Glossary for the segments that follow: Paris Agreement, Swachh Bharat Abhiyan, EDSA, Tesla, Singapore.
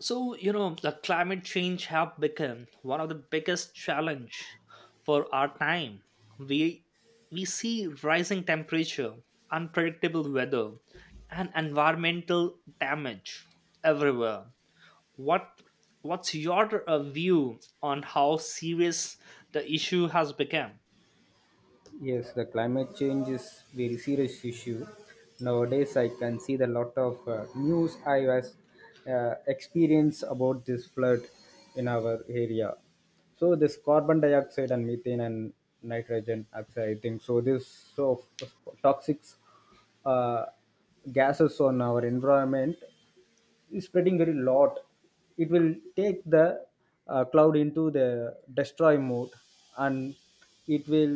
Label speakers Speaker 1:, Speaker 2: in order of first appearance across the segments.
Speaker 1: So, the climate change have become one of the biggest challenge for our time. We we see rising temperature, unpredictable weather, and environmental damage everywhere. What what's your view on how serious the issue has become?
Speaker 2: Yes, the climate change is very serious issue. Nowadays, I can see the lot of news I was experience about this flood in our area. So this carbon dioxide and methane and nitrogen oxide, I think so. This so toxic uh, gases on our environment is spreading very lot, it will take the cloud into the destroy mode, and it will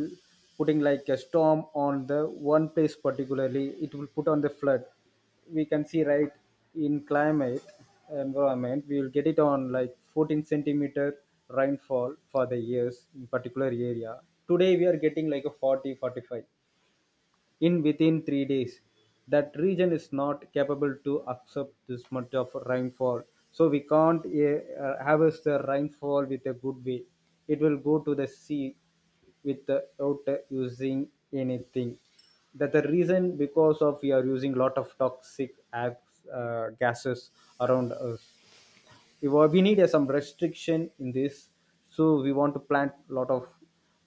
Speaker 2: putting like a storm on the one place. Particularly it will put on the flood, we can see right. In climate environment, we will get it on like 14 centimeter rainfall for the years in particular area. Today we are getting like a 40 45 in within 3 days. That region is not capable to accept this much of rainfall. So we can't harvest the rainfall with a good way. It will go to the sea without using anything. That the reason, because of we are using lot of toxic acts, gases around us. We need some restriction in this, so we want to plant a lot of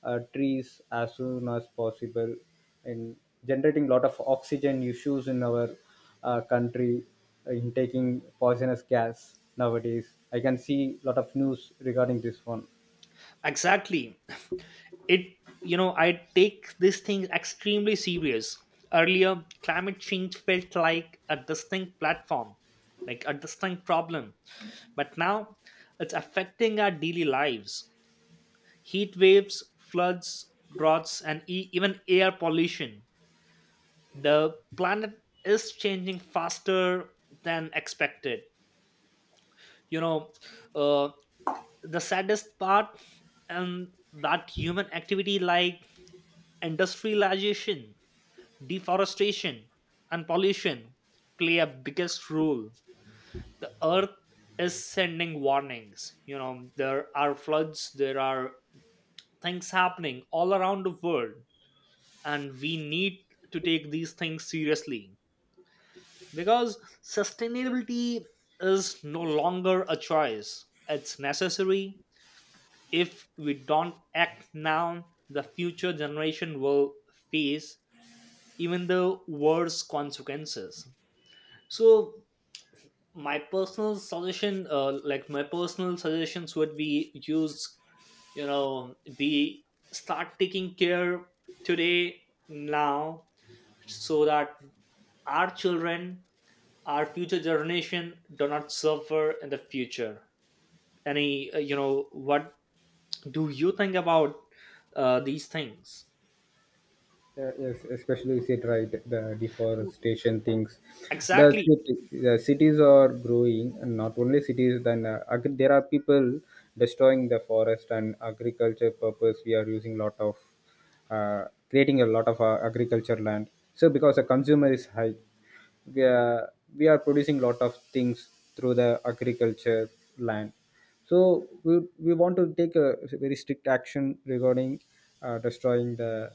Speaker 2: trees as soon as possible, and generating lot of oxygen issues in our country. In taking poisonous gas, nowadays I can see lot of news regarding this one.
Speaker 1: Exactly. it you know I take this thing extremely serious. Earlier climate change felt like a distinct platform, like a distinct problem, but now it's affecting our daily lives: heat waves, floods, droughts, and even air pollution. The planet is changing faster than expected. you know uh, the saddest part and that human activity like industrialization, deforestation, and pollution play a biggest role. The earth is sending warnings. You know, there are floods, there are things happening all around the world, and we need to take these things seriously because sustainability is no longer a choice, it's necessary. If we don't act now, the future generation will face even the worse consequences. So my personal suggestion like my personal suggestions would be use, you know, we start taking care today, now, so that our children, our future generation do not suffer in the future. Any you know what, do you think about these things?
Speaker 2: Yeah, yes, especially you said right, the deforestation things.
Speaker 1: Exactly.
Speaker 2: The cities are growing, and not only cities. Then there are people destroying the forest and agriculture purpose. We are using lot of creating a lot of agriculture land. So because the consumer is high, we are, we are producing lot of things through the agriculture land. So we want to take a very strict action regarding destroying the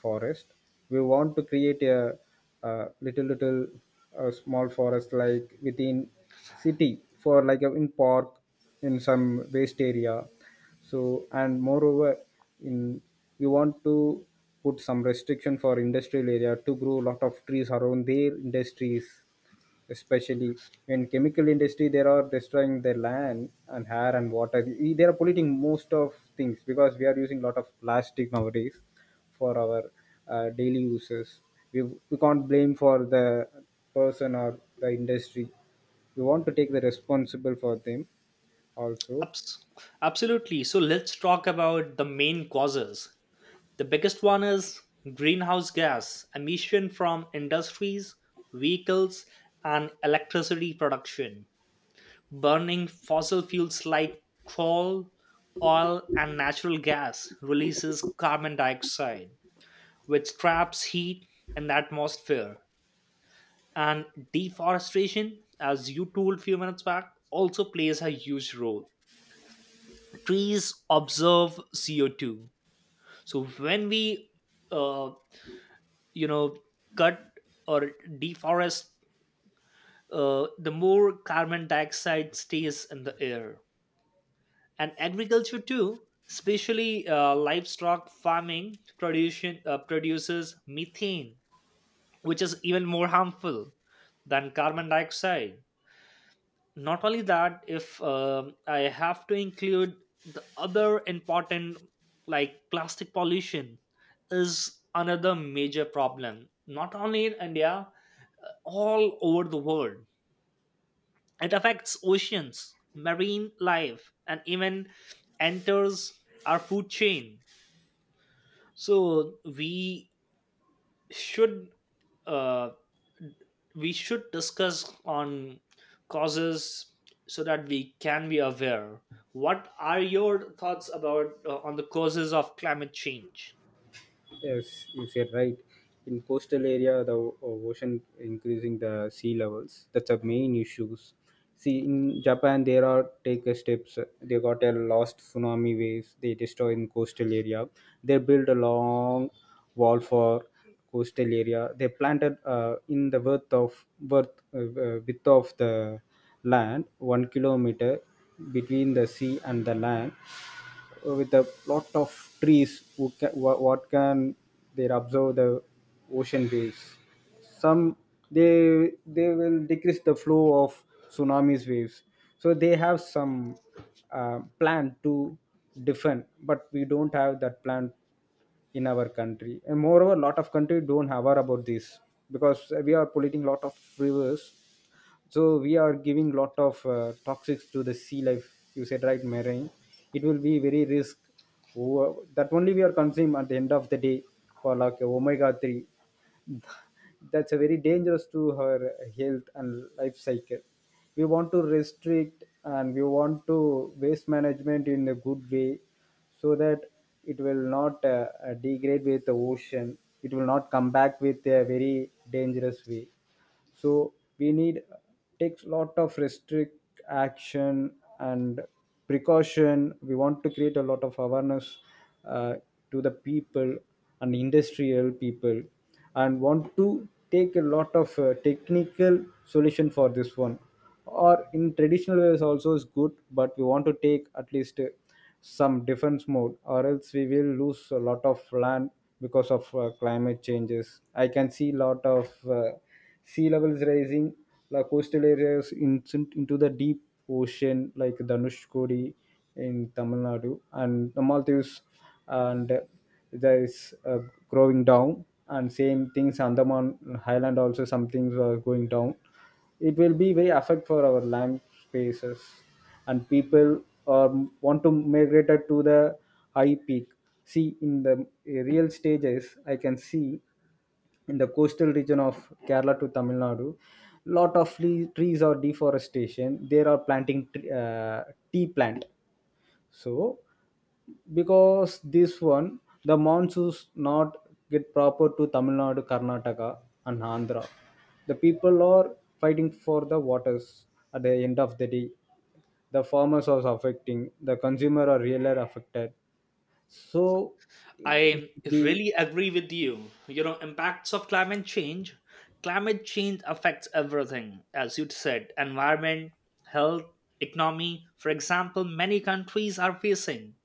Speaker 2: forest. We want to create a, little small forest like within city, for like in park, in some waste area. So, and moreover, in we want to put some restriction for industrial area to grow lot of trees around their industries, especially in chemical industry they are destroying their land and air and water. They are polluting most of things because we are using lot of plastic nowadays for our daily uses. We, we can't blame for the person or the industry, we want to take the responsible for them also.
Speaker 1: Abs- Absolutely, so let's talk about the main causes. The biggest one is greenhouse gas emission from industries, vehicles, and electricity production. Burning fossil fuels like coal, oil, and natural gas releases carbon dioxide, which traps heat in the atmosphere. And deforestation, as you told a few minutes back, also plays a huge role. Trees absorb CO2. So when we uh, you know cut or deforest, the more carbon dioxide stays in the air. And agriculture too, especially livestock farming production produces methane, which is even more harmful than carbon dioxide. Not only that, if I have to include the other important, like plastic pollution is another major problem, not only in India, all over the world. It affects oceans, marine life, and even enters our food chain. So should uh, we should discuss on causes so that we can be aware. What are your thoughts about, on the causes of climate change?
Speaker 2: Yes, you said right. In coastal area, the ocean increasing the sea levels. That's the main issues. See, in Japan, there are take a steps. They got a lost tsunami waves. They destroy in coastal area. They build a long wall for coastal area. They planted in the width of the land 1 kilometer between the sea and the land, with a lot of trees. What can they observe the ocean waves some. They will decrease the flow of tsunamis waves. So they have some plan to defend, but we don't have that plan in our country, and moreover lot of country don't aware about this, because we are polluting lot of rivers. So we are giving lot of toxics to the sea life. You said right, marine, it will be very risk. That only we are consuming at the end of the day, for like omega 3. That's a very dangerous to her health and life cycle. We want to restrict, and we want to waste management in a good way, so that it will not degrade with the ocean, it will not come back with a very dangerous way. So we need takes lot of restrict action and precaution. We want to create a lot of awareness uh, to the people and industrial people, and want to take a lot of technical solution for this one, or in traditional ways also is good, but we want to take at least some defense mode, or else we will lose a lot of land because of climate changes. I can see lot of sea levels rising, the coastal areas into the deep ocean, like Dhanushkodi in Tamil Nadu and the Maldives, and there is growing down. And same things, Andaman Highland also some things are going down. It will be very affect for our land spaces, and people want to migrate it to the high peak. See, in the real stages, I can see in the coastal region of Kerala to Tamil Nadu lot of trees are deforestation, they are planting tea plant. So because this one, the monsoons not get proper to Tamil Nadu, Karnataka and Andhra. The people are fighting for the waters. At the end of the day, the farmers are affecting, the consumer are really affected. So it
Speaker 1: I
Speaker 2: be.
Speaker 1: really agree with you. You know, impacts of climate change. Climate change affects everything, as you said, environment, health, economy. For example, many countries are facing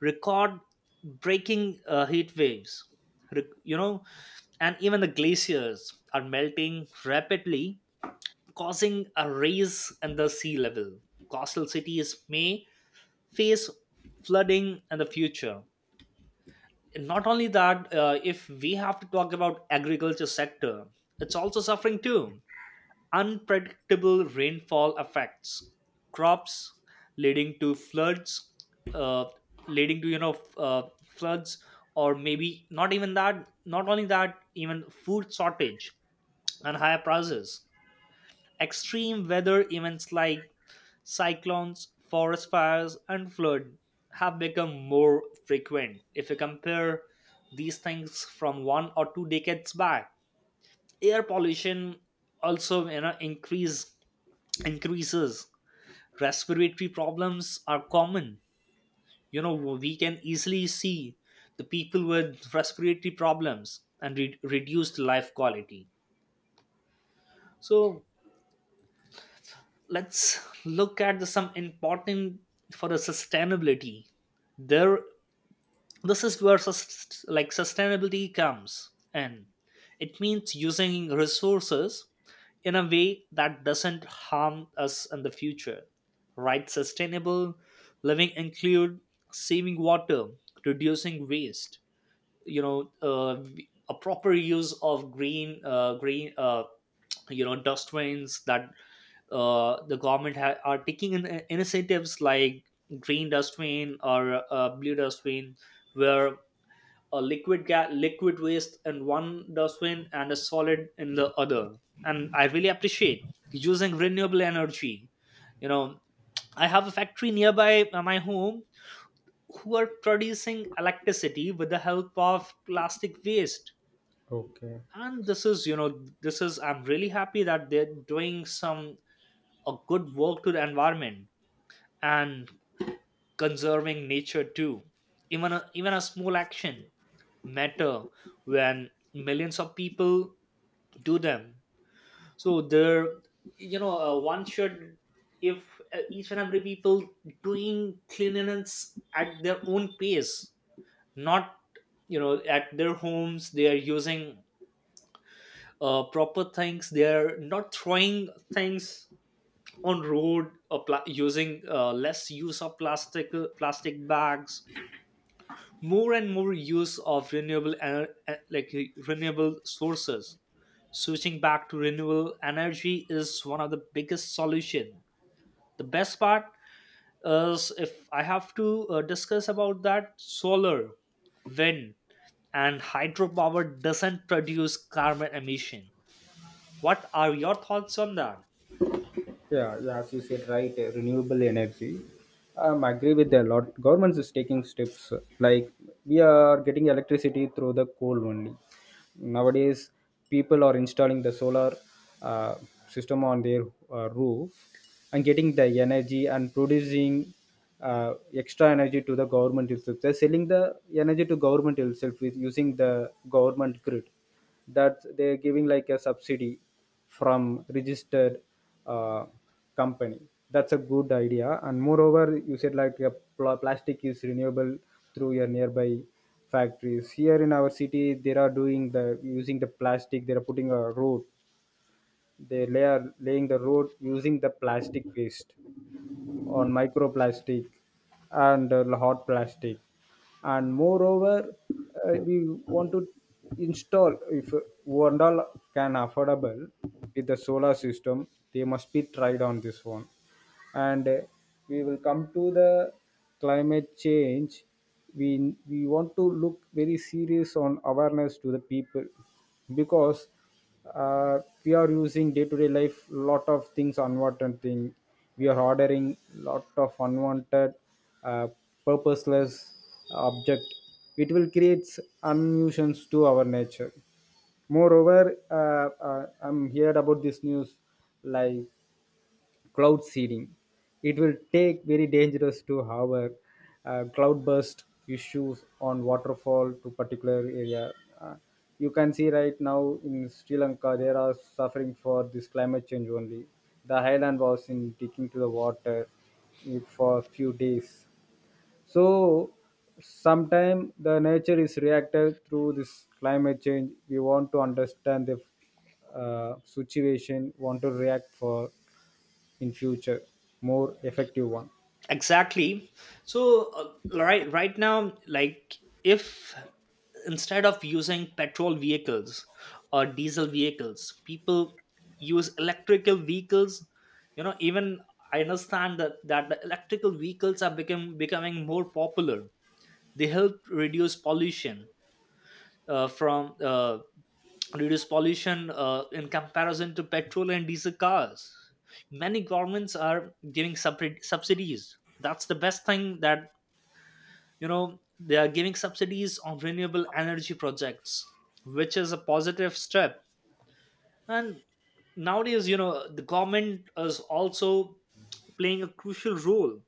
Speaker 1: record breaking heat waves. You know, and even the glaciers are melting rapidly, causing a rise in the sea level. Coastal cities may face flooding in the future. Not only that, if we have to talk about agriculture sector, it's also suffering too. Unpredictable rainfall affects crops, leading to floods, uh, leading to you know f- floods, or maybe not, even that, not only that, even food shortage and higher prices. Extreme weather events like cyclones, forest fires, and flood have become more frequent. If you compare these things from one or two decades back, air pollution also, you know, increases. Respiratory problems are common. You know, we can easily see the people with respiratory problems and reduced life quality. So let's look at the some important for the sustainability. There This is where like sustainability comes. And it means using resources in a way that doesn't harm us in the future, right? Sustainable living include saving water, reducing waste, you know uh, a proper use of green, dustbins. That the government are taking initiatives like green dustbin, or blue dustbin, where a liquid waste in one dustbin and a solid in the other. And I really appreciate using renewable energy. You know, I have a factory nearby my home who are producing electricity with the help of plastic waste.
Speaker 2: Okay.
Speaker 1: And this is, you know, this is, I'm really happy that they're doing some a good work to the environment and conserving nature too. Even a, even a small action matter when millions of people do them. So there, one should, if each and every people doing cleanliness at their own pace, not, you know, at their homes they are using proper things. They are not throwing things on road, or using less use of plastic, plastic bags, more and more use of renewable like renewable sources. Switching back to renewable energy is one of the biggest solution. The best part is, if I have to discuss about that, solar, wind, and hydropower doesn't produce carbon emission. What are your thoughts on that?
Speaker 2: Yeah, yeah, as you said, right, renewable energy. I agree with a lot. Government is taking steps like we are getting electricity through the coal only. Nowadays, people are installing the solar uh, system on their roof, and getting the energy and producing extra energy to the government itself. They're selling the energy to government itself with using the government grid, that they're giving like a subsidy from registered uh, company. That's a good idea. And moreover, you said like a plastic is renewable. Through your nearby factories, here in our city they are doing the using the plastic, they are putting a road, they lay are laying the road using the plastic waste, on microplastic and hot plastic. And moreover, we want to install, if Vandal can affordable with the solar system, they must be tried on this one. And we will come to the climate change, we want to look very serious on awareness to the people, because we are using day to day life lot of things, unwanted thing we are ordering, lot of unwanted uh, purposeless object, it will create unnuisance to our nature. Moreover, I'm heard about this news like cloud seeding. It will take very dangerous to have cloud burst issues on waterfall to particular area. Uh, you can see right now in Sri Lanka, they are suffering for this climate change only. The highland was in taking to the water, for a few days. So sometime the nature is reacted through this climate change. We want to understand the situation, want to react for in future more effective one.
Speaker 1: Exactly. So right now, like, if instead of using petrol vehicles or diesel vehicles, people use electrical vehicles. You know, even I understand that the electrical vehicles are become becoming more popular. They help reduce pollution, from reduce pollution in comparison to petrol and diesel cars. Many governments are giving subsidies. That's the best thing, that, you know, they are giving subsidies on renewable energy projects, which is a positive step. And nowadays, you know, the government is also playing a crucial role.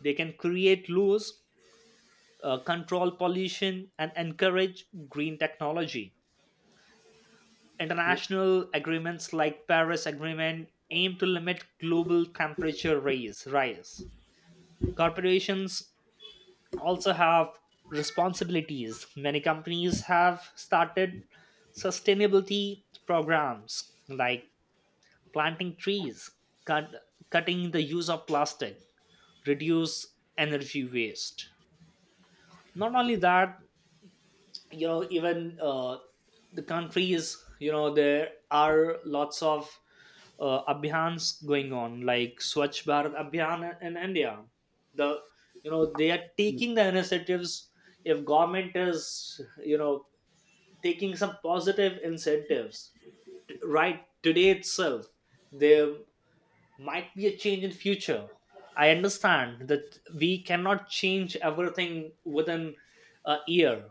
Speaker 1: They can create laws, control pollution, and encourage green technology. International agreements like Paris agreement aim to limit global temperature rise. Corporations also have responsibilities. Many companies have started sustainability programs like planting trees, cut, cutting the use of plastic, reduce energy waste. Not only that, you know, even the countries, you know, there are lots of abhiyans going on like Swachh Bharat Abhiyan in India. The you know they are taking the initiatives. If government is, you know, taking some positive incentives, right today itself, there might be a change in future. I understand that we cannot change everything within a year.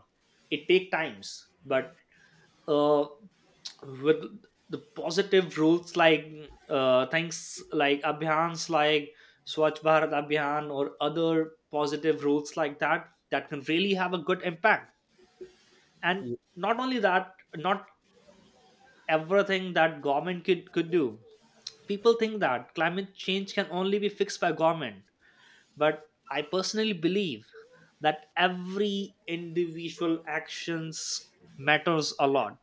Speaker 1: It take times. But uh, with the positive rules, like things like abhiyans like Swachh Bharat Abhiyan, or other positive rules like that, that can really have a good impact. And not only that, not everything that government could do. People think that climate change can only be fixed by government, but I personally believe that every individual actions matters a lot.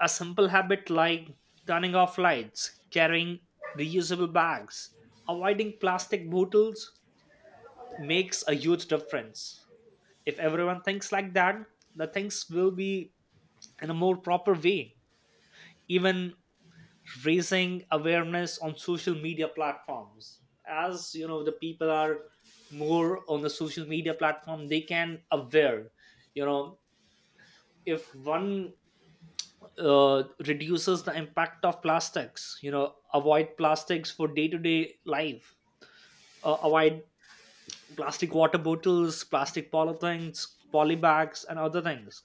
Speaker 1: A simple habit like turning off lights, carrying reusable bags, avoiding plastic bottles makes a huge difference. If everyone thinks like that, the things will be in a more proper way. Even raising awareness on social media platforms. As you know, the people are more on the social media platform, they can aware. You know, if one reduces the impact of plastics, you know, avoid plastics for day-to-day life, avoid plastic water bottles, plastic polythings, polybags, and other things,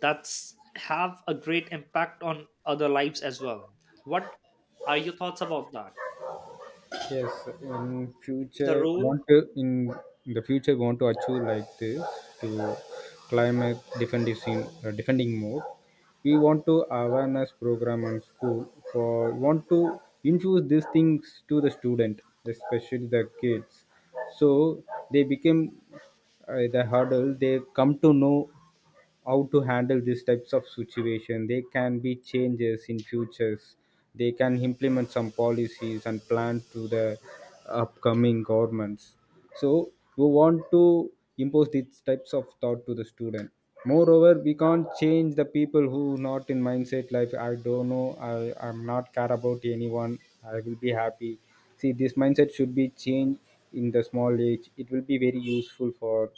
Speaker 1: that's have a great impact on other lives as well. What are your thoughts about that?
Speaker 2: Yes,
Speaker 1: The role.
Speaker 2: in the future want to achieve like this, to climate defending, defending more. We want to awareness program in school, for want to infuse these things to the student, especially the kids. So they become the hurdle, they come to know how to handle these types of situation, they can be changes in futures, they can implement some policies and plan to the upcoming governments. So we want to impose these types of thought to the student. Moreover, we can't change the people who not in mindset like, I don't know, I'm not care about anyone, I will be happy. See, this mindset should be changed in the small age, it will be very useful for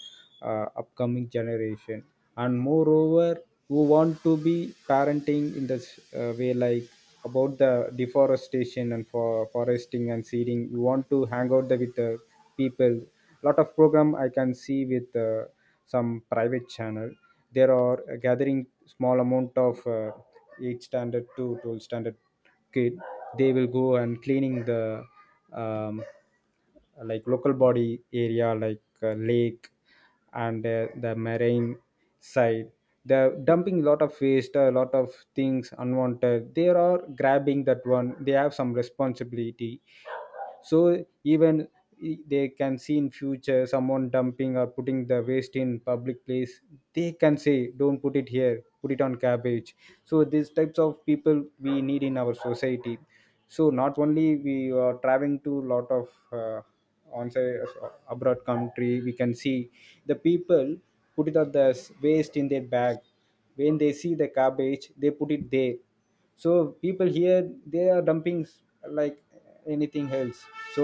Speaker 2: upcoming generation. And moreover, who want to be parenting in this way, like about the deforestation and for foresting and seeding. You want to hang out there with the people. Lot of program I can see with some private channel, there are gathering small amount of 8 standard to 12 standard kid. They will go and cleaning the um, like local body area, like lake and the marine side. They're dumping a lot of waste, a lot of things unwanted, they are grabbing that one, they have some responsibility. So even, they can see in future, someone dumping or putting the waste in public place, they can say don't put it here, put it on garbage. So these types of people we need in our society. So, not only, we are traveling to lot of on say abroad country, we can see the people put it on the waste in their bag, when they see the garbage they put it there. So people here, they are dumping like anything else. So,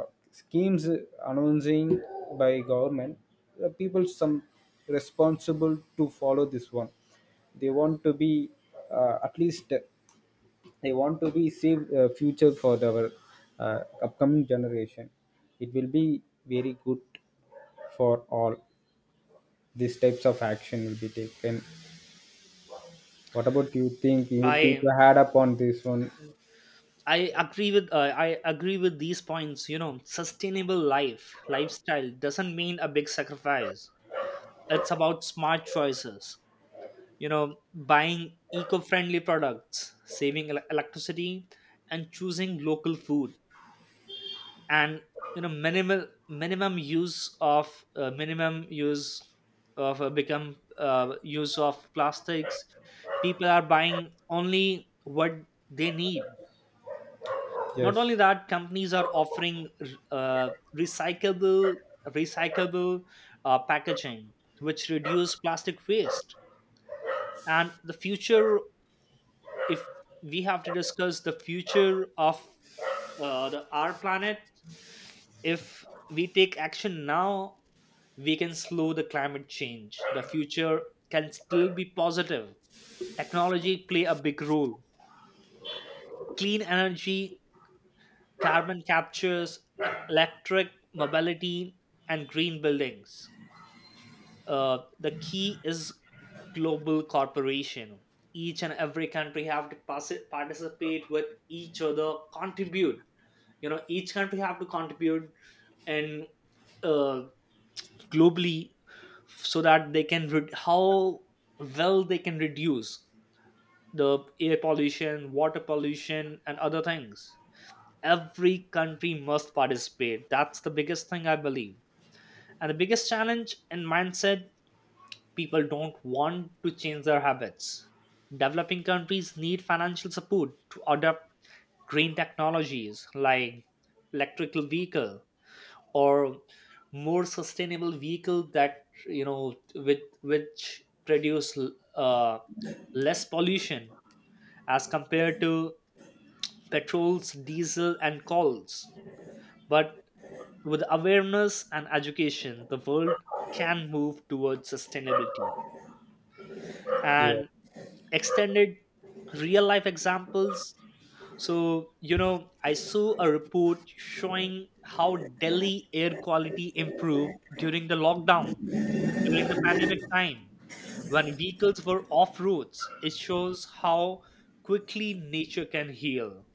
Speaker 2: uh, schemes announcing by government, people some responsible to follow this one. They want to be at least, they want to be save future for our uh, upcoming generation. It will be very good for all. These types of action will be taken. What about you think, you
Speaker 1: i
Speaker 2: to add up on this one?
Speaker 1: i agree with, I agree with these points. You know, sustainable lifestyle doesn't mean a big sacrifice. It's about smart choices. You know, buying eco-friendly products, saving electricity, and choosing local food, and, you know, minimal minimum use of, minimum use of, become use of plastics. People are buying only what they need. Not only
Speaker 2: Yes.
Speaker 1: that, companies are offering uh, recyclable recyclable packaging, which reduce plastic waste. And the future, if we have to discuss the future of our planet, if we take action now, we can slow the climate change. The future can still be positive. Technology play a big role. Clean energy, carbon captures, electric mobility, and green buildings. The key is global cooperation. Each and every country have to participate with each other, contribute. You know, each country have to contribute and, uh, globally, so that they can how well they can reduce the air pollution, water pollution, and other things. Every country must participate. That's the biggest thing I believe. And the biggest challenge in mindset, people don't want to change their habits. Developing countries need financial support to adopt green technologies like electrical vehicle, or more sustainable vehicle that, you know, with which produce uh, less pollution as compared to petrols, diesel, and coals. But with awareness and education, the world can move towards sustainability.
Speaker 2: Yeah.
Speaker 1: And extended real life examples. So, you know, I saw a report showing how Delhi air quality improved during the lockdown, during the pandemic time, when vehicles were off roads. It shows how quickly nature can heal.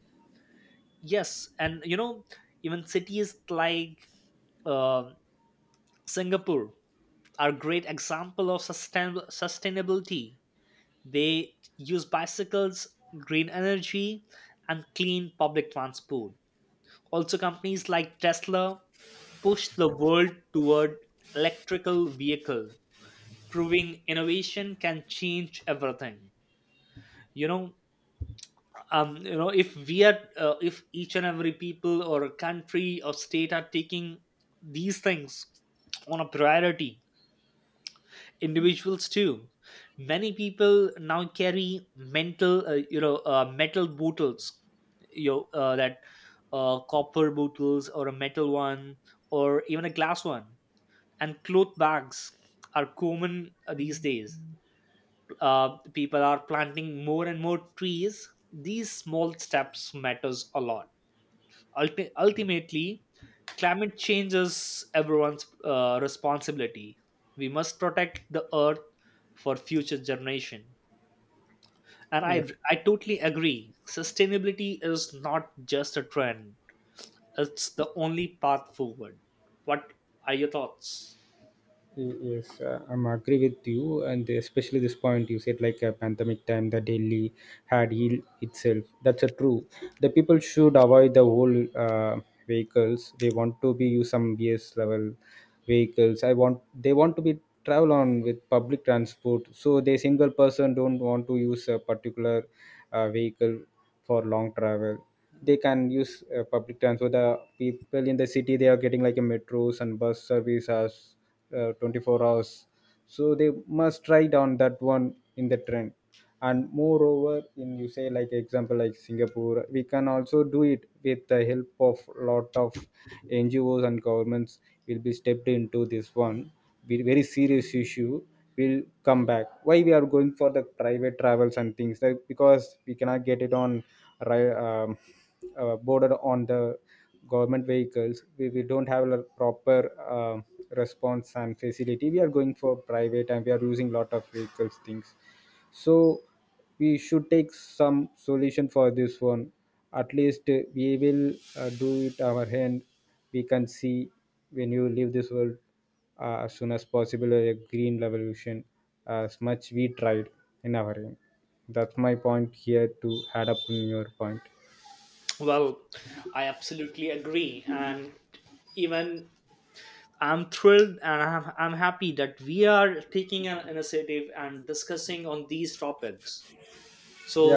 Speaker 1: Yes, and you know, even cities like uh, Singapore are great example of sustainability. They use bicycles, green energy, and clean public transport. Also, companies like Tesla push the world toward electrical vehicle, proving innovation can change everything. you know if we are, if each and every people or a country or state are taking these things on a priority, individuals too. Many people now carry mental you know metal bottles, you know, that copper bottles, or a metal one, or even a glass one, and cloth bags are common these days. Uh, people are planting more and more trees. These small steps matters a lot. Ultimately, climate change is everyone's responsibility. We must protect the earth for future generation. And i
Speaker 2: Yes,
Speaker 1: i totally agree. Sustainability is not just a trend, it's the only path forward. What are your thoughts?
Speaker 2: yes, I'm agree with you, and especially this point you said, like a pandemic time, the Delhi had healed itself. That's a true. The people should avoid the whole vehicles. They want to be use some BS level vehicles. I want they want to be travel on with public transport. So they single person don't want to use a particular vehicle for long travel. They can use public transport. The people in the city, they are getting like a metros and bus service as 24 hours. So they must try down that one in the trend. And moreover, in you say like example like Singapore, we can also do it with the help of lot of NGOs and governments, will be stepped into this one, very serious issue. Will come back, why we are going for the private travels and things like, because we cannot get it on ri- um, boarded on the government vehicles. We don't have a proper um response and facility. We are going for private, and we are using lot of vehicles things. So we should take some solution for this one. At least we will do it our hand, we can see, when you leave this world, as soon as possible, a green revolution, as much we tried in our end. That's my point here to add up on your point.
Speaker 1: Well, I absolutely agree. And even, I'm thrilled and I'm happy that we are taking an initiative and discussing on these topics.
Speaker 2: Yeah,
Speaker 1: So